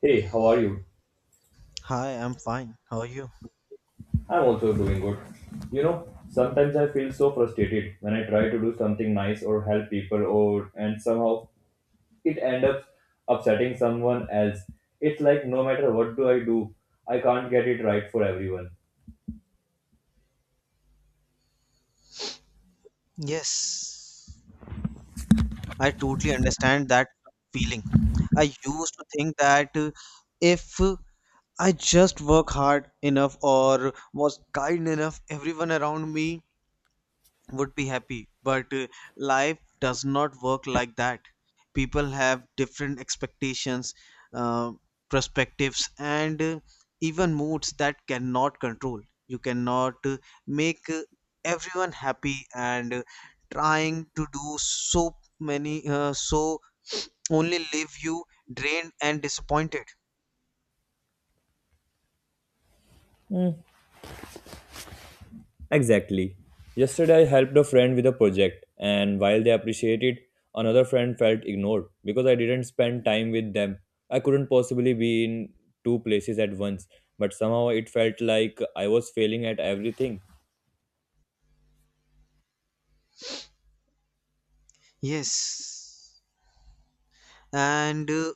Hey, how are you? Hi, I'm fine. How are you? I'm also doing good. You know, sometimes I feel so frustrated when I try to do something nice or help people or and somehow it end up upsetting someone else. It's like no matter what do, I can't get it right for everyone. Yes, I totally understand that feeling. I used to think that if I just work hard enough or was kind enough, everyone around me would be happy, but life does not work like that. People have different expectations, uh, perspectives, and even moods that cannot control. You cannot make everyone happy, and trying to do so many only leave you drained and disappointed. Exactly. Yesterday, I helped a friend with a project, and while they appreciated, another friend felt ignored because I didn't spend time with them. I couldn't possibly be in two places at once, but somehow it felt like I was failing at everything. Yes, and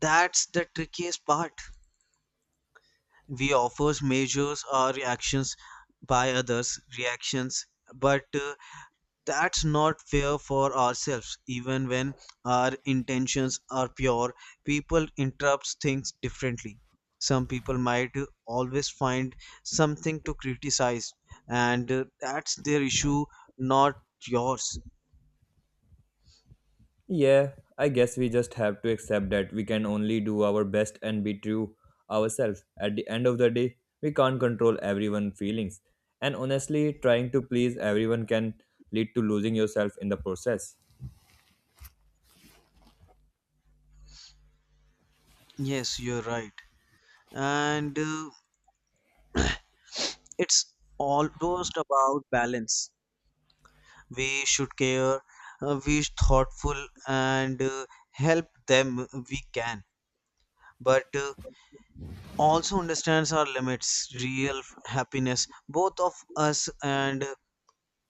that's the trickiest part. We offers measures our reactions by others' reactions, but that's not fair for ourselves. Even when our intentions are pure, people interpret things differently. Some people might always find something to criticize, and that's their issue, not yours. Yeah, I guess we just have to accept that we can only do our best and be true ourselves. At the end of the day, we can't control everyone's feelings. And honestly, trying to please everyone can lead to losing yourself in the process. Yes, you're right. And it's almost about balance. We should care, we thoughtful, and help them we can, but also understands our limits. Real happiness, both of us and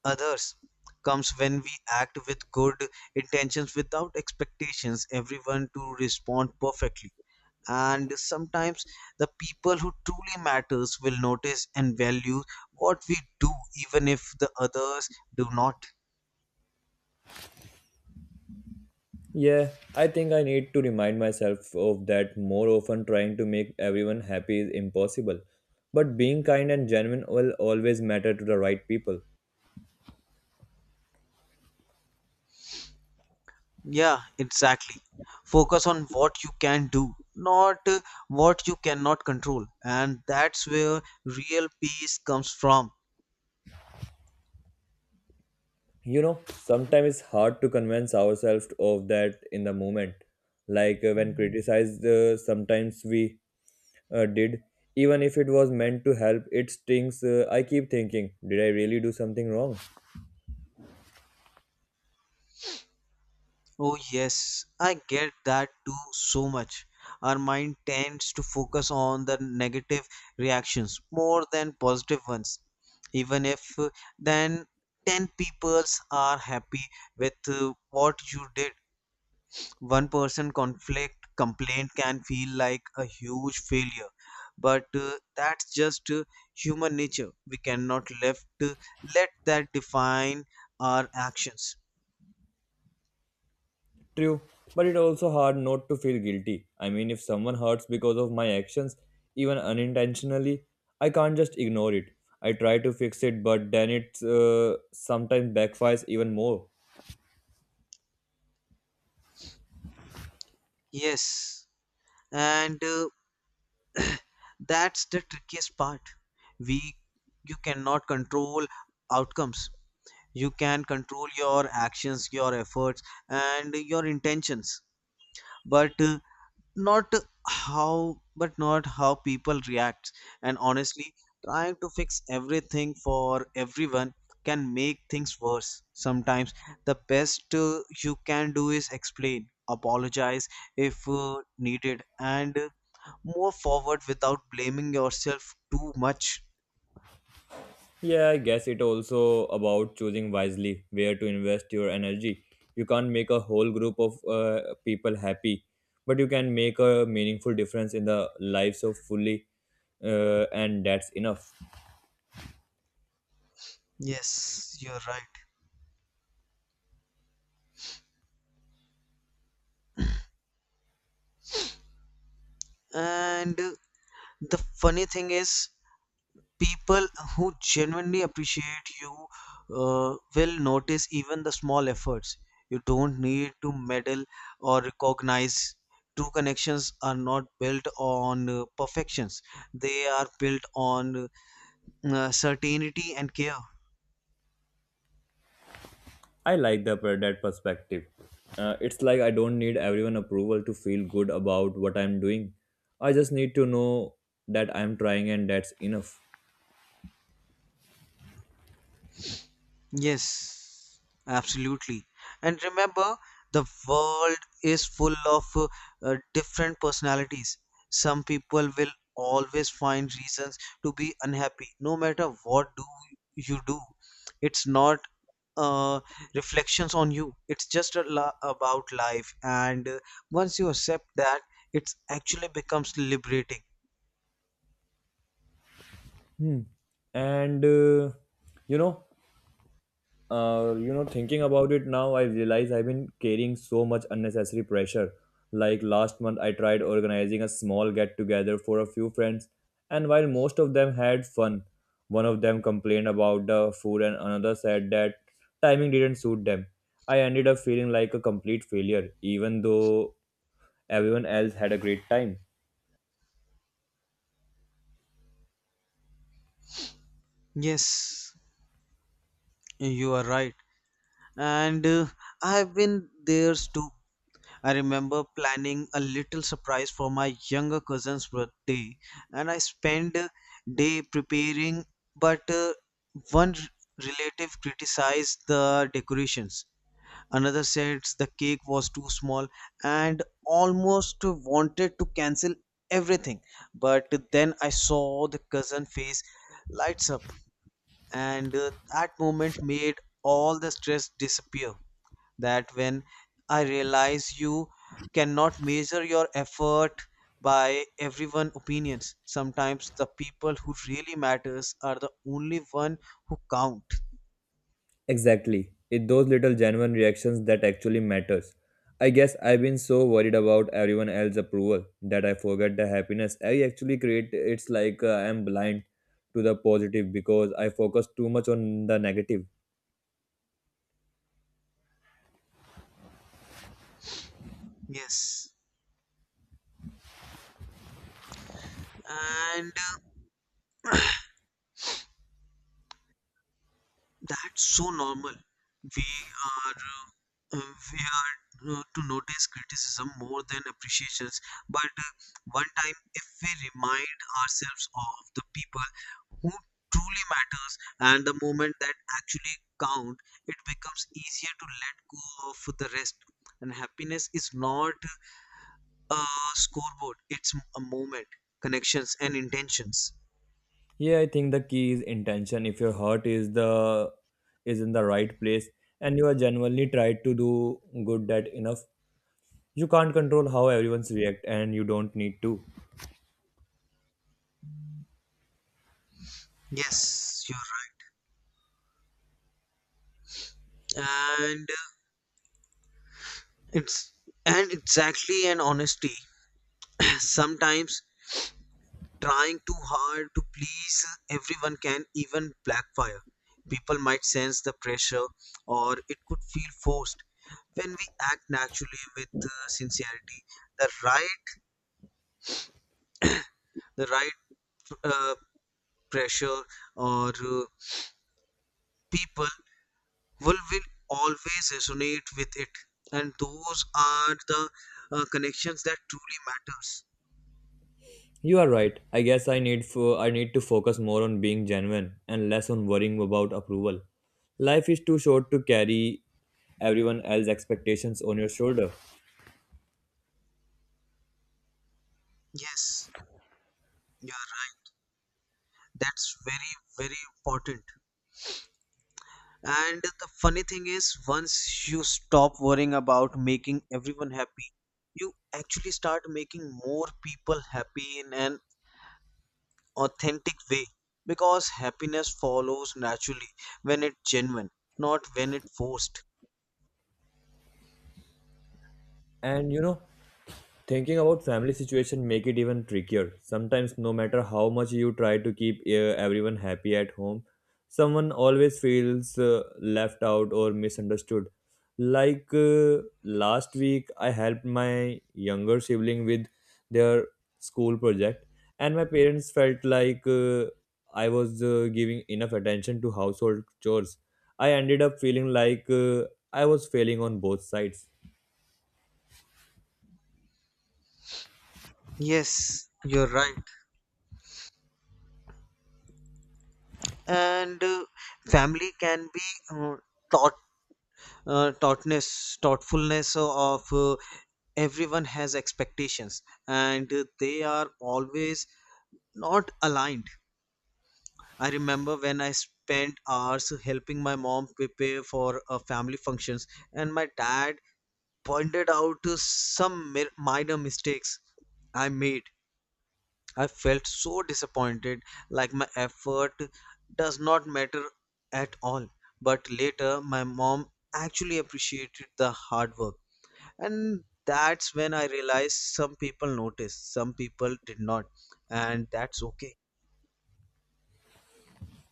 others, comes when we act with good intentions without expectations everyone to respond perfectly. And sometimes the people who truly matters will notice and value what we do, even if the others do not. Yeah, I think I need to remind myself of that more often trying to make everyone happy is impossible. But being kind and genuine will always matter to the right people. Yeah, exactly. Focus on what you can do, not what you cannot control. And that's where real peace comes from. Sometimes it's hard to convince ourselves of that in the moment, like when criticized, sometimes we did, even if it was meant to help it stings. I keep thinking, did I really do something wrong? Oh, yes, I get that too so much. Our mind tends to focus on the negative reactions more than positive ones. Even if then 10 peoples are happy with what you did, one person conflict complaint can feel like a huge failure. But that's just human nature. We cannot left let that define our actions. True, but it's also hard not to feel guilty. I mean, if someone hurts because of my actions, even unintentionally, I can't just ignore it. I try to fix it, but then it sometimes backfires even more. Yes, and that's the trickiest part. We You cannot control outcomes. You can control your actions, your efforts, and your intentions, but not not how people react. And honestly, trying to fix everything for everyone can make things worse. Sometimes the best you can do is explain, apologize if needed, and move forward without blaming yourself too much. Yeah, I guess it also about choosing wisely where to invest your energy. You can't make a whole group of people happy, but you can make a meaningful difference in the lives of fully, and that's enough. Yes, you're right. And the funny thing is, people who genuinely appreciate you will notice even the small efforts. You don't need to medal or recognize. True connections are not built on perfections, they are built on certainty and care. I like that perspective. It's like I don't need everyone approval to feel good about what I'm doing. I just need to know that I'm trying, and that's enough. Yes, absolutely. And remember, the world is full of different personalities. Some people will always find reasons to be unhappy, no matter what do you do. It's not uh, reflections on you. It's just about life, and once you accept that, it's actually becomes liberating. Hmm. And you know you know, Thinking about it now, I realize I've been carrying so much unnecessary pressure. Like last month, I tried organizing a small get together for a few friends, and while most of them had fun, one of them complained about the food, and another said that timing didn't suit them. I ended up feeling like a complete failure, even though everyone else had a great time. Yes, you are right. And I have been there too. I remember planning a little surprise for my younger cousin's birthday, and I spent a day preparing, but one relative criticized the decorations. Another said the cake was too small and almost wanted to cancel everything. But then I saw the cousin face lights up, and that moment made all the stress disappear. That when I realize you cannot measure your effort by everyone opinions. Sometimes the people who really matters are the only one who count. Exactly. It's those little genuine reactions that actually matters. I guess I've been so worried about everyone else's approval that I forget the happiness I actually create. It's like I'm blind to the positive because I focus too much on the negative. Yes. And that's so normal. We we are to notice criticism more than appreciations. But one time, if we remind ourselves of the people who truly matters and the moment that actually count, it becomes easier to let go of the rest. And happiness is not a scoreboard; it's a moment, connections, and intentions. Yeah, I think the key is intention. If your heart is in the right place and you are genuinely try to do good that enough, you can't control how everyone's react and you don't need to. Yes, you're right. And It's and exactly, and honesty. Sometimes trying too hard to please everyone can even backfire. People might sense the pressure, or it could feel forced. When we act naturally with sincerity, the right the right uh, pressure or people will always resonate with it, and those are the connections that truly matters. You are right. I guess I need to focus more on being genuine and less on worrying about approval. Life is too short to carry everyone else's expectations on your shoulder. Yes, you are. That's very, very important. And the funny thing is, once you stop worrying about making everyone happy, you actually start making more people happy in an authentic way, because happiness follows naturally when it's genuine, not when it's forced. And you know, Thinking about family situation make it even trickier. Sometimes no matter how much you try to keep everyone happy at home, someone always feels left out or misunderstood. Like last week I helped my younger sibling with their school project, and my parents felt like I was giving enough attention to household chores. I ended up feeling like I was failing on both sides. Yes, you're right. And family can be uh, taught thoughtfulness of. Everyone has expectations, and they are always not aligned. I remember when I spent hours helping my mom prepare for family functions, and my dad pointed out some minor mistakes I made. I felt so disappointed, like my effort does not matter at all. But later, my mom actually appreciated the hard work, and that's when I realized some people noticed, some people did not, and that's okay.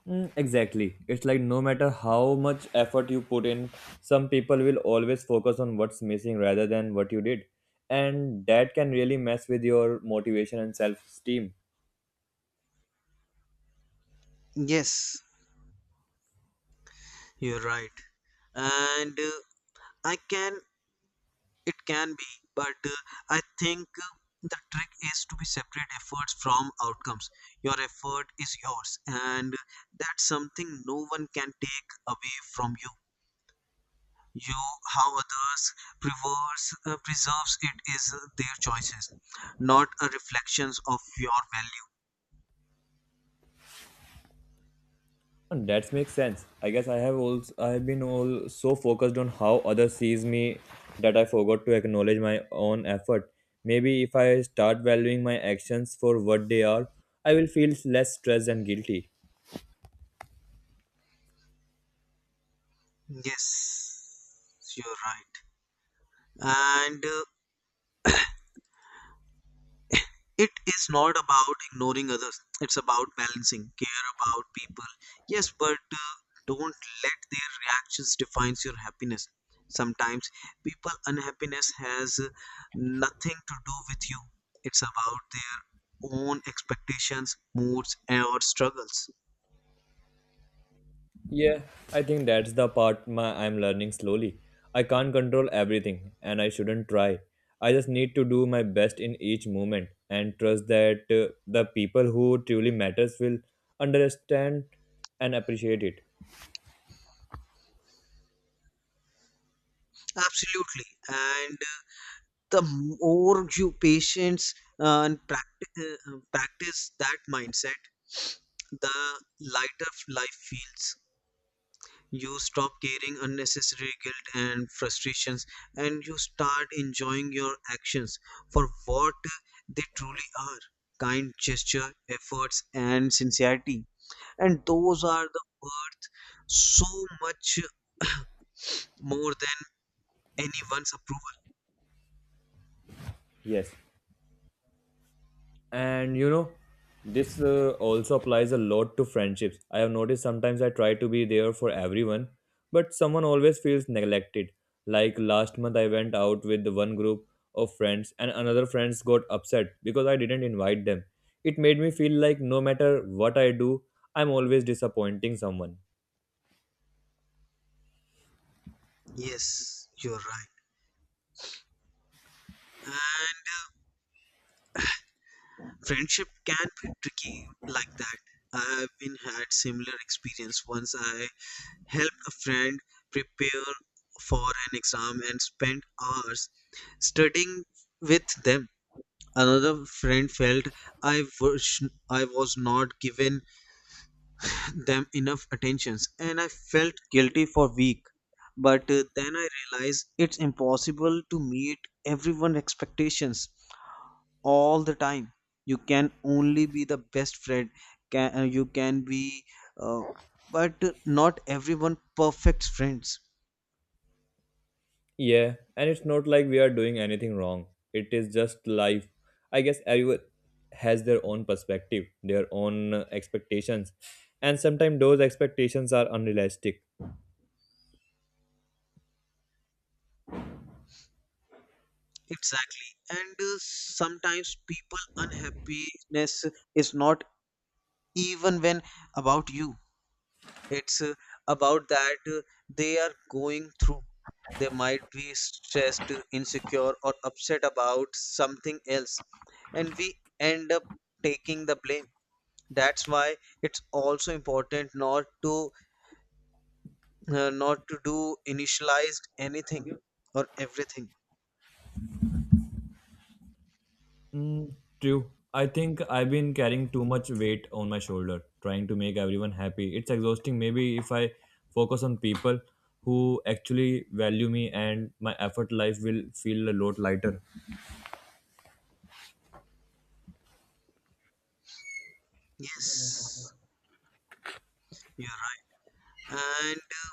Mm, exactly. It's like no matter how much effort you put in, some people will always focus on what's missing rather than what you did. And that can really mess with your motivation and self-esteem. Yes, you're right. And I can it can be. But I think the trick is to be separate efforts from outcomes. Your effort is yours, and that's something no one can take away from you. you how others preserves it is their choices, not a reflections of your value. And that makes sense. I guess I have been all so focused on how others sees me that I forgot to acknowledge my own effort. Maybe if I start valuing my actions for what they are, I will feel less stressed and guilty. Yes, you're right. And it is not about ignoring others, it's about balancing, care about people. Yes, but don't let their reactions defines your happiness. Sometimes people unhappiness has nothing to do with you. It's about their own expectations, moods, and or struggles. Yeah, I think that's the part my I'm learning slowly. I can't control everything, and I shouldn't try. I just need to do my best in each moment and trust that the people who truly matters will understand and appreciate it. Absolutely. And the more you patience and practice that mindset, the lighter life feels. You stop carrying unnecessary guilt and frustrations, and you start enjoying your actions for what they truly are: kind gesture, efforts, and sincerity. And those are the worth so much more than anyone's approval. Yes. And this also applies a lot to friendships. I have noticed sometimes I try to be there for everyone, but someone always feels neglected. Like last month I went out with one group of friends, and another friends got upset because I didn't invite them. It made me feel like no matter what I do, I'm always disappointing someone. Yes, you're right. And friendship can be tricky like that. I've been had similar experience. Once I helped a friend prepare for an exam and spent hours studying with them. Another friend felt I was not given them enough attentions, and I felt guilty for week. But then I realized it's impossible to meet everyone's expectations all the time. You can only be the best friend. You can be, uh, but not everyone perfect friends. Yeah, and it's not like we are doing anything wrong. It is just life. I guess everyone has their own perspective, their own expectations, and sometimes those expectations are unrealistic. Exactly. And sometimes people unhappiness is not, even when, about you. It's about that they are going through. They might be stressed, insecure, or upset about something else. And we end up taking the blame. That's why it's also important not to do initialized anything or everything. Mm, true. I think I've been carrying too much weight on my shoulder, trying to make everyone happy. It's exhausting. Maybe if I focus on people who actually value me and my effort, life will feel a lot lighter. Yes, you're right.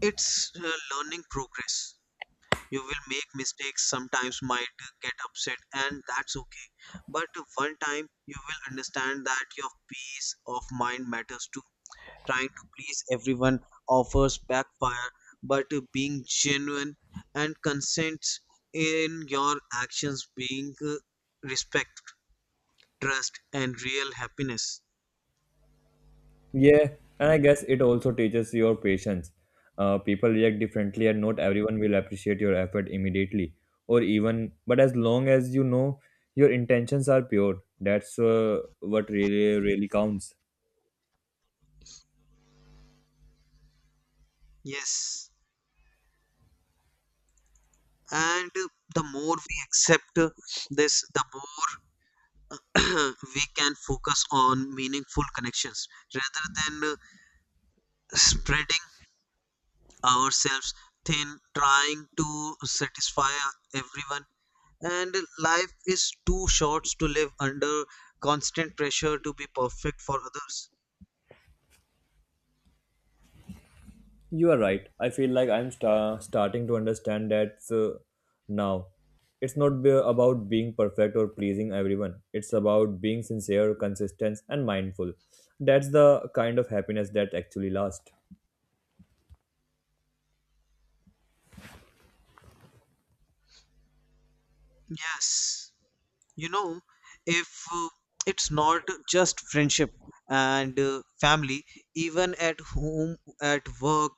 It's learning progress. You will make mistakes, sometimes might get upset, and that's okay. But one time you will understand that your peace of mind matters too. Trying to please everyone offers backfire, but being genuine and consents in your actions being respect, trust, and real happiness. Yeah, and I guess it also teaches your patience. People react differently, and not everyone will appreciate your effort immediately, or even. But as long as you know your intentions are pure, that's what really really counts. Yes. And the more we accept this, the more we can focus on meaningful connections rather than spreading ourselves thin, trying to satisfy everyone. And life is too short to live under constant pressure to be perfect for others. You are right. I feel like I'm starting to understand that now. It's not about being perfect or pleasing everyone. It's about being sincere, consistent, and mindful. That's the kind of happiness that actually lasts. Yes, you know, if uh, it's not just friendship and family, even at home, at work.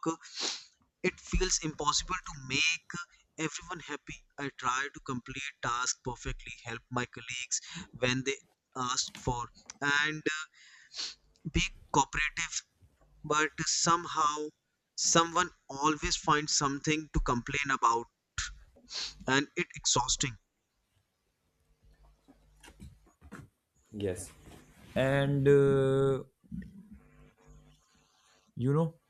It feels impossible to make everyone happy. I try to complete tasks perfectly, help my colleagues when they ask for, and be cooperative. But somehow, someone always finds something to complain about, and it exhausting. Yes. And you know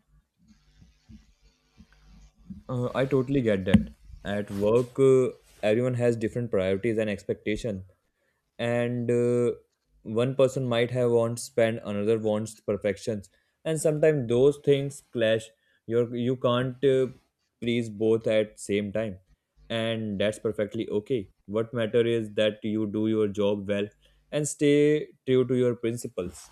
I totally get that at work. Everyone has different priorities and expectation, and one person might have wants spend another wants perfections, and sometimes those things clash. You can't please both at same time, and that's perfectly okay. What matter is that you do your job well and stay true to your principles.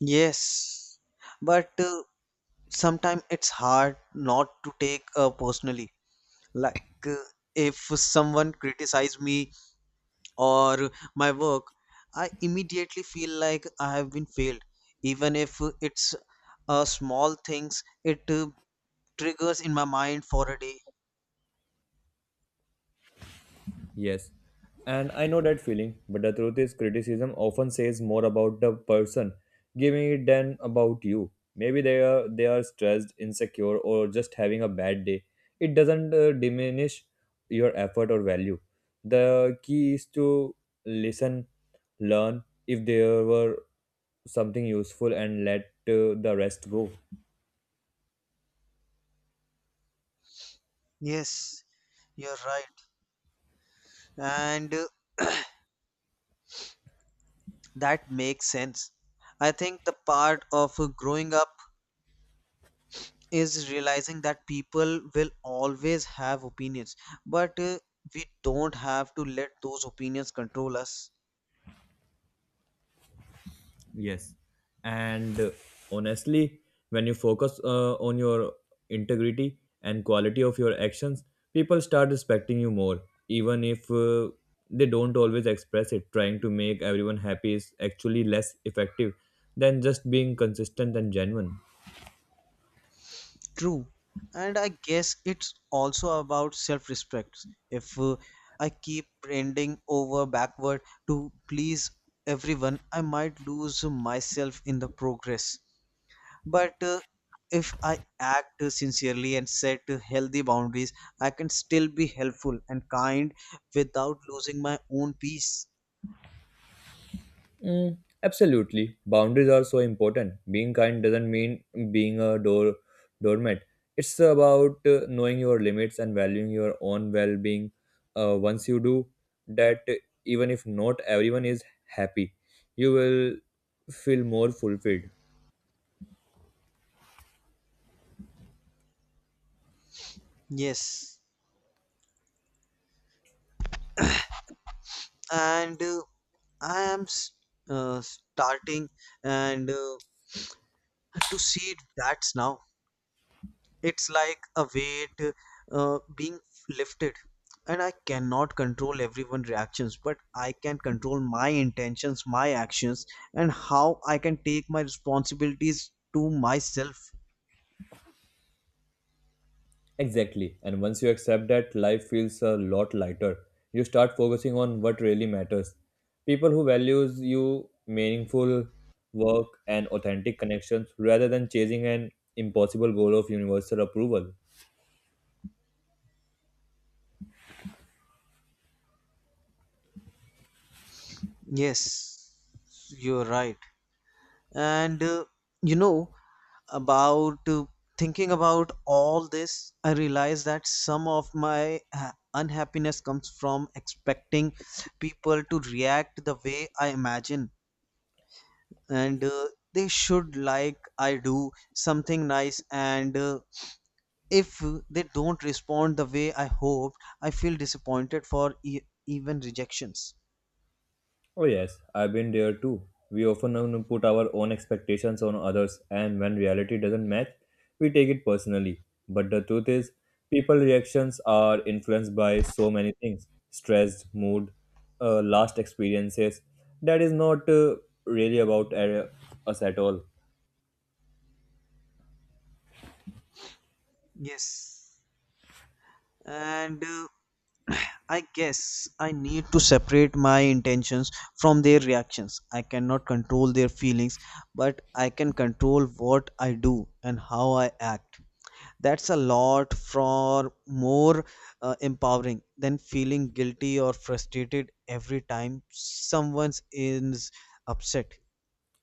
Yes, but sometimes it's hard not to take personally. Like if someone criticizes me or my work, I immediately feel like I have been failed. Even if it's small things, it triggers in my mind for a day. Yes, and I know that feeling, but the truth is, criticism often says more about the person giving it than about you. Maybe they are stressed, insecure, or just having a bad day. It doesn't diminish your effort or value. The key is to listen, learn if there were something useful, and let the rest go. Yes, you're right. And that makes sense. I think the part of growing up is realizing that people will always have opinions, but we don't have to let those opinions control us. Yes. And honestly, when you focus on your integrity and quality of your actions, people start respecting you more, even if they don't always express it. Trying to make everyone happy is actually less effective than just being consistent and genuine. True. And I guess it's also about self respect. If I keep bending over backward to please everyone, I might lose myself in the progress. But if I act sincerely and set healthy boundaries, I can still be helpful and kind without losing my own peace. Mm, absolutely. Boundaries are so important. Being kind doesn't mean being a doormat. It's about knowing your limits and valuing your own well-being. Once you do that, even if not everyone is happy, you will feel more fulfilled. Yes. And I am starting and to see that now. It's like a weight being lifted. And I cannot control everyone's reactions, but I can control my intentions, my actions, and how I can take my responsibilities to myself. Exactly. And once you accept that, life feels a lot lighter. You start focusing on what really matters. People who values you meaningful work and authentic connections rather than chasing an impossible goal of universal approval. Yes, you're right. And you know, about thinking about all this, I realize that some of my unhappiness comes from expecting people to react the way I imagine. And They should like I do something nice, and if they don't respond the way I hoped, I feel disappointed for even rejections. Oh, yes, I've been there too. We often put our own expectations on others, and when reality doesn't match, we take it personally. But the truth is, people reactions are influenced by so many things: stress, mood, last experiences. That is not really about us at all. Yes. and I guess I need to separate my intentions from their reactions. I cannot control their feelings, but I can control what I do and how I act. That's a lot for more empowering than feeling guilty or frustrated every time someone is upset.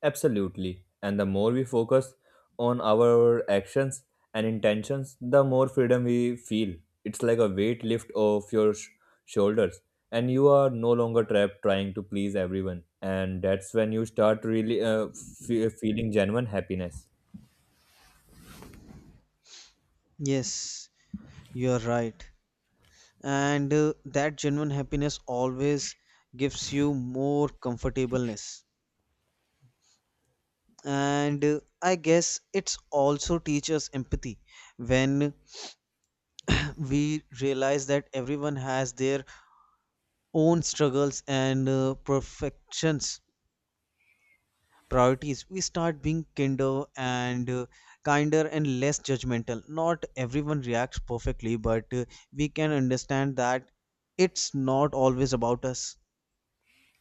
Absolutely. And the more we focus on our actions and intentions, the more freedom we feel. It's like a weight lift off your shoulders, and you are no longer trapped trying to please everyone. And that's when you start really fe feeling genuine happiness. Yes, you're right. and That genuine happiness always gives you more comfortableness, and I guess it's also teaches empathy. When we realize that everyone has their own struggles and perfections, priorities, we start being kinder and kinder and less judgmental. Not everyone reacts perfectly, but we can understand that it's not always about us.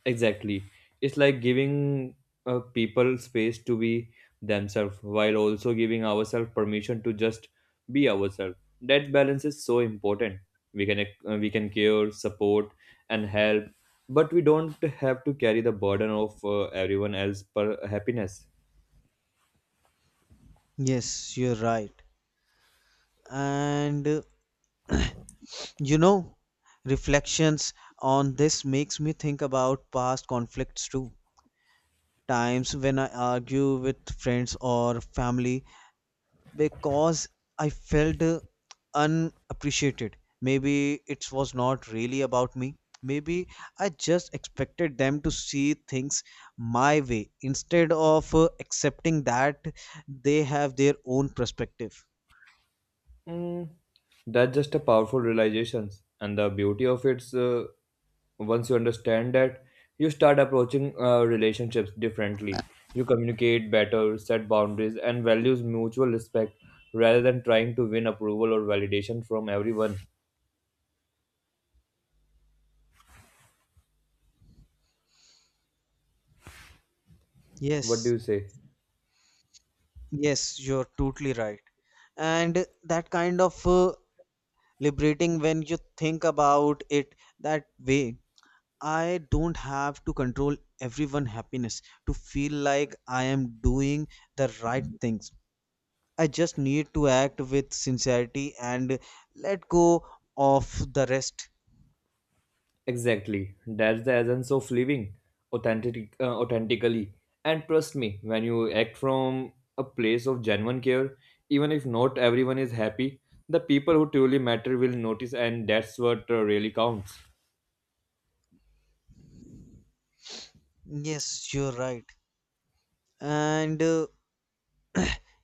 Exactly. It's like giving people space to be themselves while also giving ourselves permission to just be ourselves. That balance is so important. We can care, support, and help, but we don't have to carry the burden of everyone else per happiness. Yes, you're right. and you know reflections on this makes me think about past conflicts too, times when I argue with friends or family because I felt unappreciated. Maybe it was not really about me. Maybe I just expected them to see things my way instead of accepting that they have their own perspective. Mm, that's just a powerful realization, and the beauty of it's once you understand that, you start approaching relationships differently. You communicate better, set boundaries, and values mutual respect rather than trying to win approval or validation from everyone. What do Yes, you say? yes, you're totally right. And that kind of liberating when you think about it that way. I don't have to control everyone's happiness to feel like I am doing the right things. I just need to act with sincerity and let go of the rest. Exactly. That's the essence of living authentically. And trust me, when you act from a place of genuine care, even if not everyone is happy, the people who truly matter will notice, and that's what really counts. Yes, you're right. And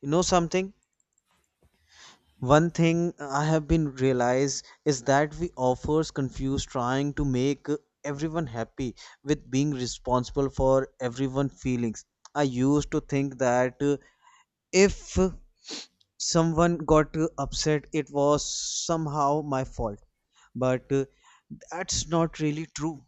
You know something? One thing I have been realized is that we offers confuse trying to make everyone happy with being responsible for everyone's feelings. I used to think that if someone got upset, it was somehow my fault, but that's not really true.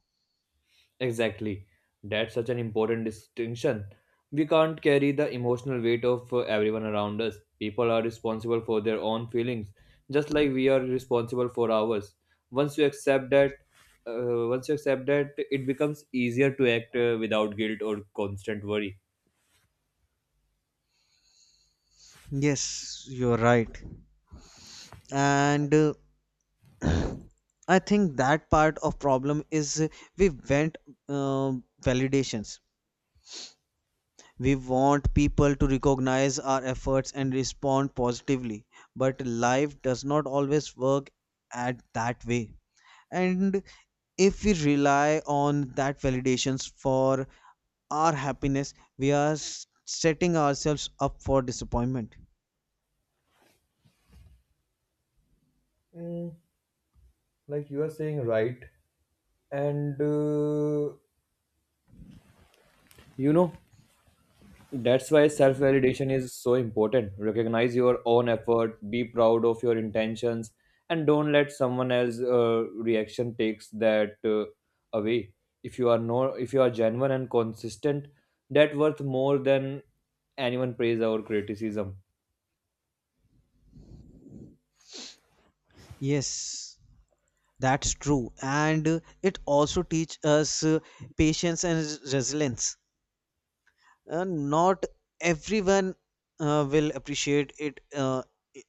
Exactly. That's such an important distinction. We can't carry the emotional weight of everyone around us. People are responsible for their own feelings, just like we are responsible for ours. Once you accept that, once you accept that, it becomes easier to act without guilt or constant worry. Yes, you're right. and I think that part of problem is we want uh, validations. We want people to recognize our efforts and respond positively, but life does not always work at that way. And if we rely on that validations for our happiness, we are setting ourselves up for disappointment. Mm, like you are saying, right? And you know, That's why self validation is so important. Recognize your own effort, be proud of your intentions, and don't let someone else's reaction takes that away. If you are genuine and consistent, that worth more than anyone praise or criticism. Yes, that's true. And it also teach us patience and resilience. Not everyone will appreciate it i-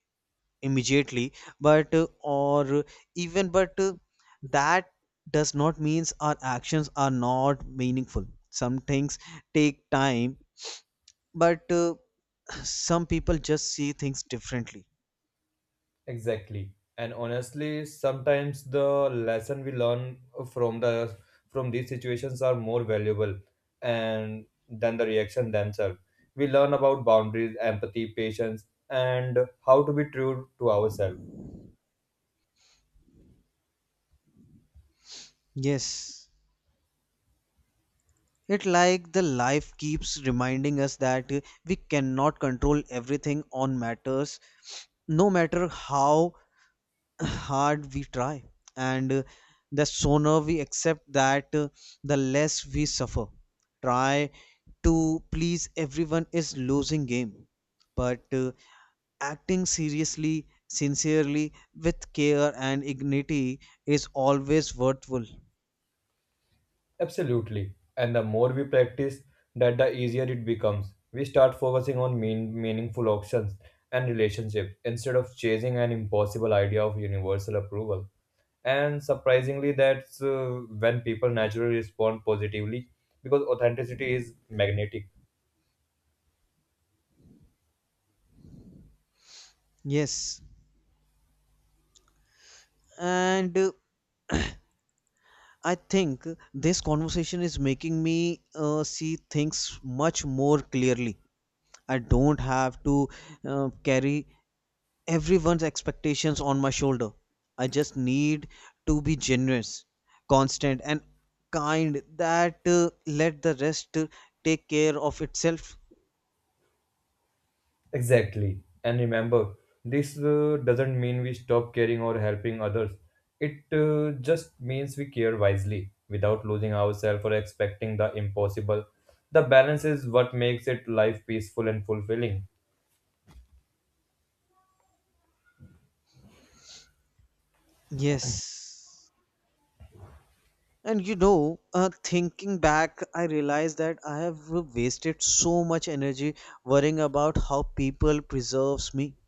immediately, but or even but that does not means our actions are not meaningful. Some things take time, but some people just see things differently. Exactly. And honestly, sometimes the lesson we learn from the from these situations are more valuable and than the reaction themselves. We learn about boundaries, empathy, patience, and how to be true to ourselves. Yes, it like the life keeps reminding us that we cannot control everything on matters, no matter how hard we try. And The sooner we accept that, the less we suffer. Try to please everyone is losing game, but acting seriously, sincerely, with care and dignity is always worthwhile. Absolutely. And the more we practice that, the easier it becomes. We start focusing on meaningful options and relationships instead of chasing an impossible idea of universal approval. And surprisingly, that's when people naturally respond positively because authenticity is magnetic. Yes, and. I think this conversation is making me see things much more clearly. I don't have to carry everyone's expectations on my shoulder. I just need to be generous, constant, and kind, that let the rest take care of itself. Exactly. And remember, this doesn't mean we stop caring or helping others. It just means we care wisely without losing ourselves or expecting the impossible. The balance is what makes it life peaceful and fulfilling. Yes. And you know, thinking back, I realize that I have wasted so much energy worrying about how people preserves me.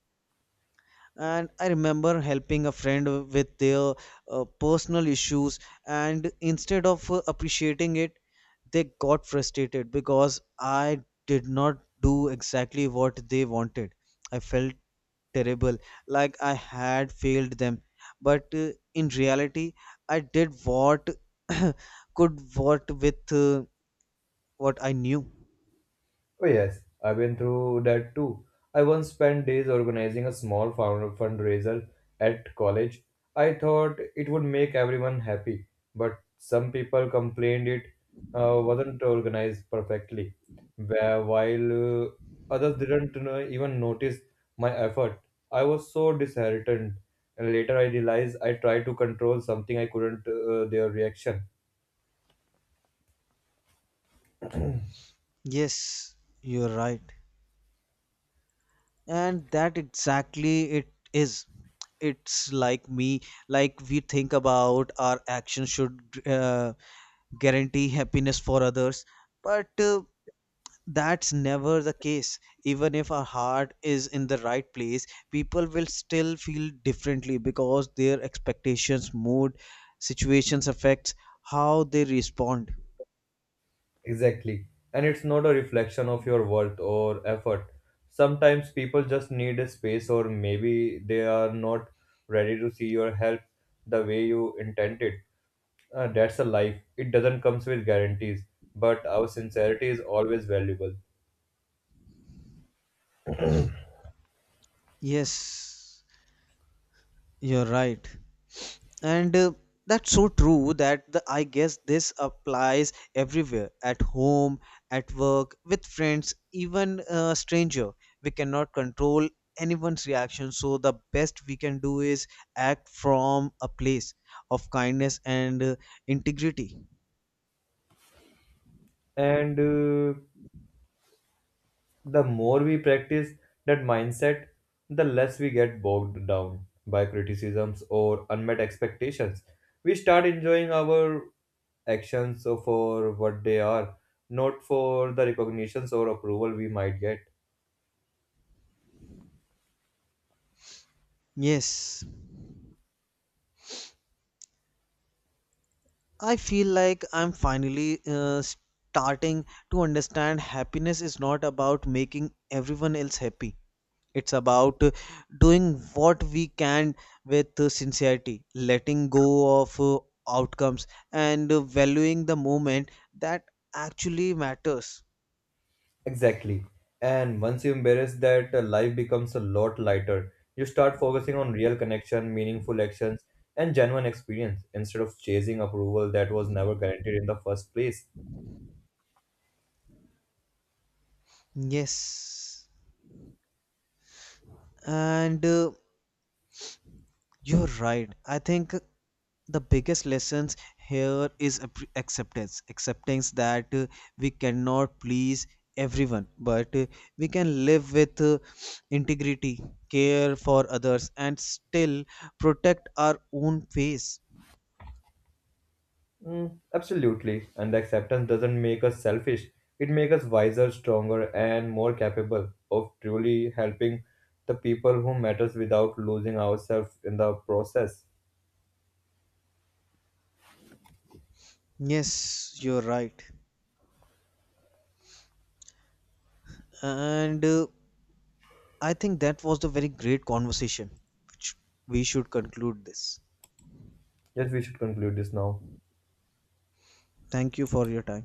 And I remember helping a friend with their personal issues, and instead of appreciating it, they got frustrated because I did not do exactly what they wanted. I felt terrible, like I had failed them, but in reality I did what could what with what I knew. Oh, yes, I've been through that too. I once spent days organizing a small fundraiser at college. I thought it would make everyone happy, but some people complained it wasn't organized perfectly, while others didn't even notice my effort. I was so disheartened, and later I realized I tried to control something I couldn't, their reaction. Yes, you're right. And that exactly it is. It's like me like we think about our action should uh, guarantee happiness for others, but that's never the case. Even if our heart is in the right place, people will still feel differently because their expectations, mood, situations affects how they respond. Exactly. And it's not a reflection of your worth or effort. Sometimes people just need a space, or maybe they are not ready to see your help the way you intended. That's a life. It doesn't comes with guarantees, but our sincerity is always valuable. Yes, you're right. and that's so true. I guess this applies everywhere: at home, at work, with friends, even a stranger. We cannot control anyone's reaction, so the best we can do is act from a place of kindness and integrity. And the more we practice that mindset, the less we get bogged down by criticisms or unmet expectations. We start enjoying our actions so for what they are, not for the recognitions or approval we might get. Yes, I feel like I'm finally starting to understand. Happiness is not about making everyone else happy. It's about doing what we can with sincerity, letting go of outcomes, and valuing the moment that actually matters. Exactly. And once you embrace that, life becomes a lot lighter. You start focusing on real connection, meaningful actions, and genuine experience instead of chasing approval that was never guaranteed in the first place. Yes, and you're right. I think the biggest lessons here is acceptance that we cannot please everyone, but we can live with integrity, care for others, and still protect our own pace. Mm, absolutely. And the acceptance doesn't make us selfish. It makes us wiser, stronger, and more capable of truly helping the people who matters without losing ourselves in the process. Yes, you're right. and I think that was the very great conversation, which we should conclude this. Yes, we should conclude this now. Thank you for your time.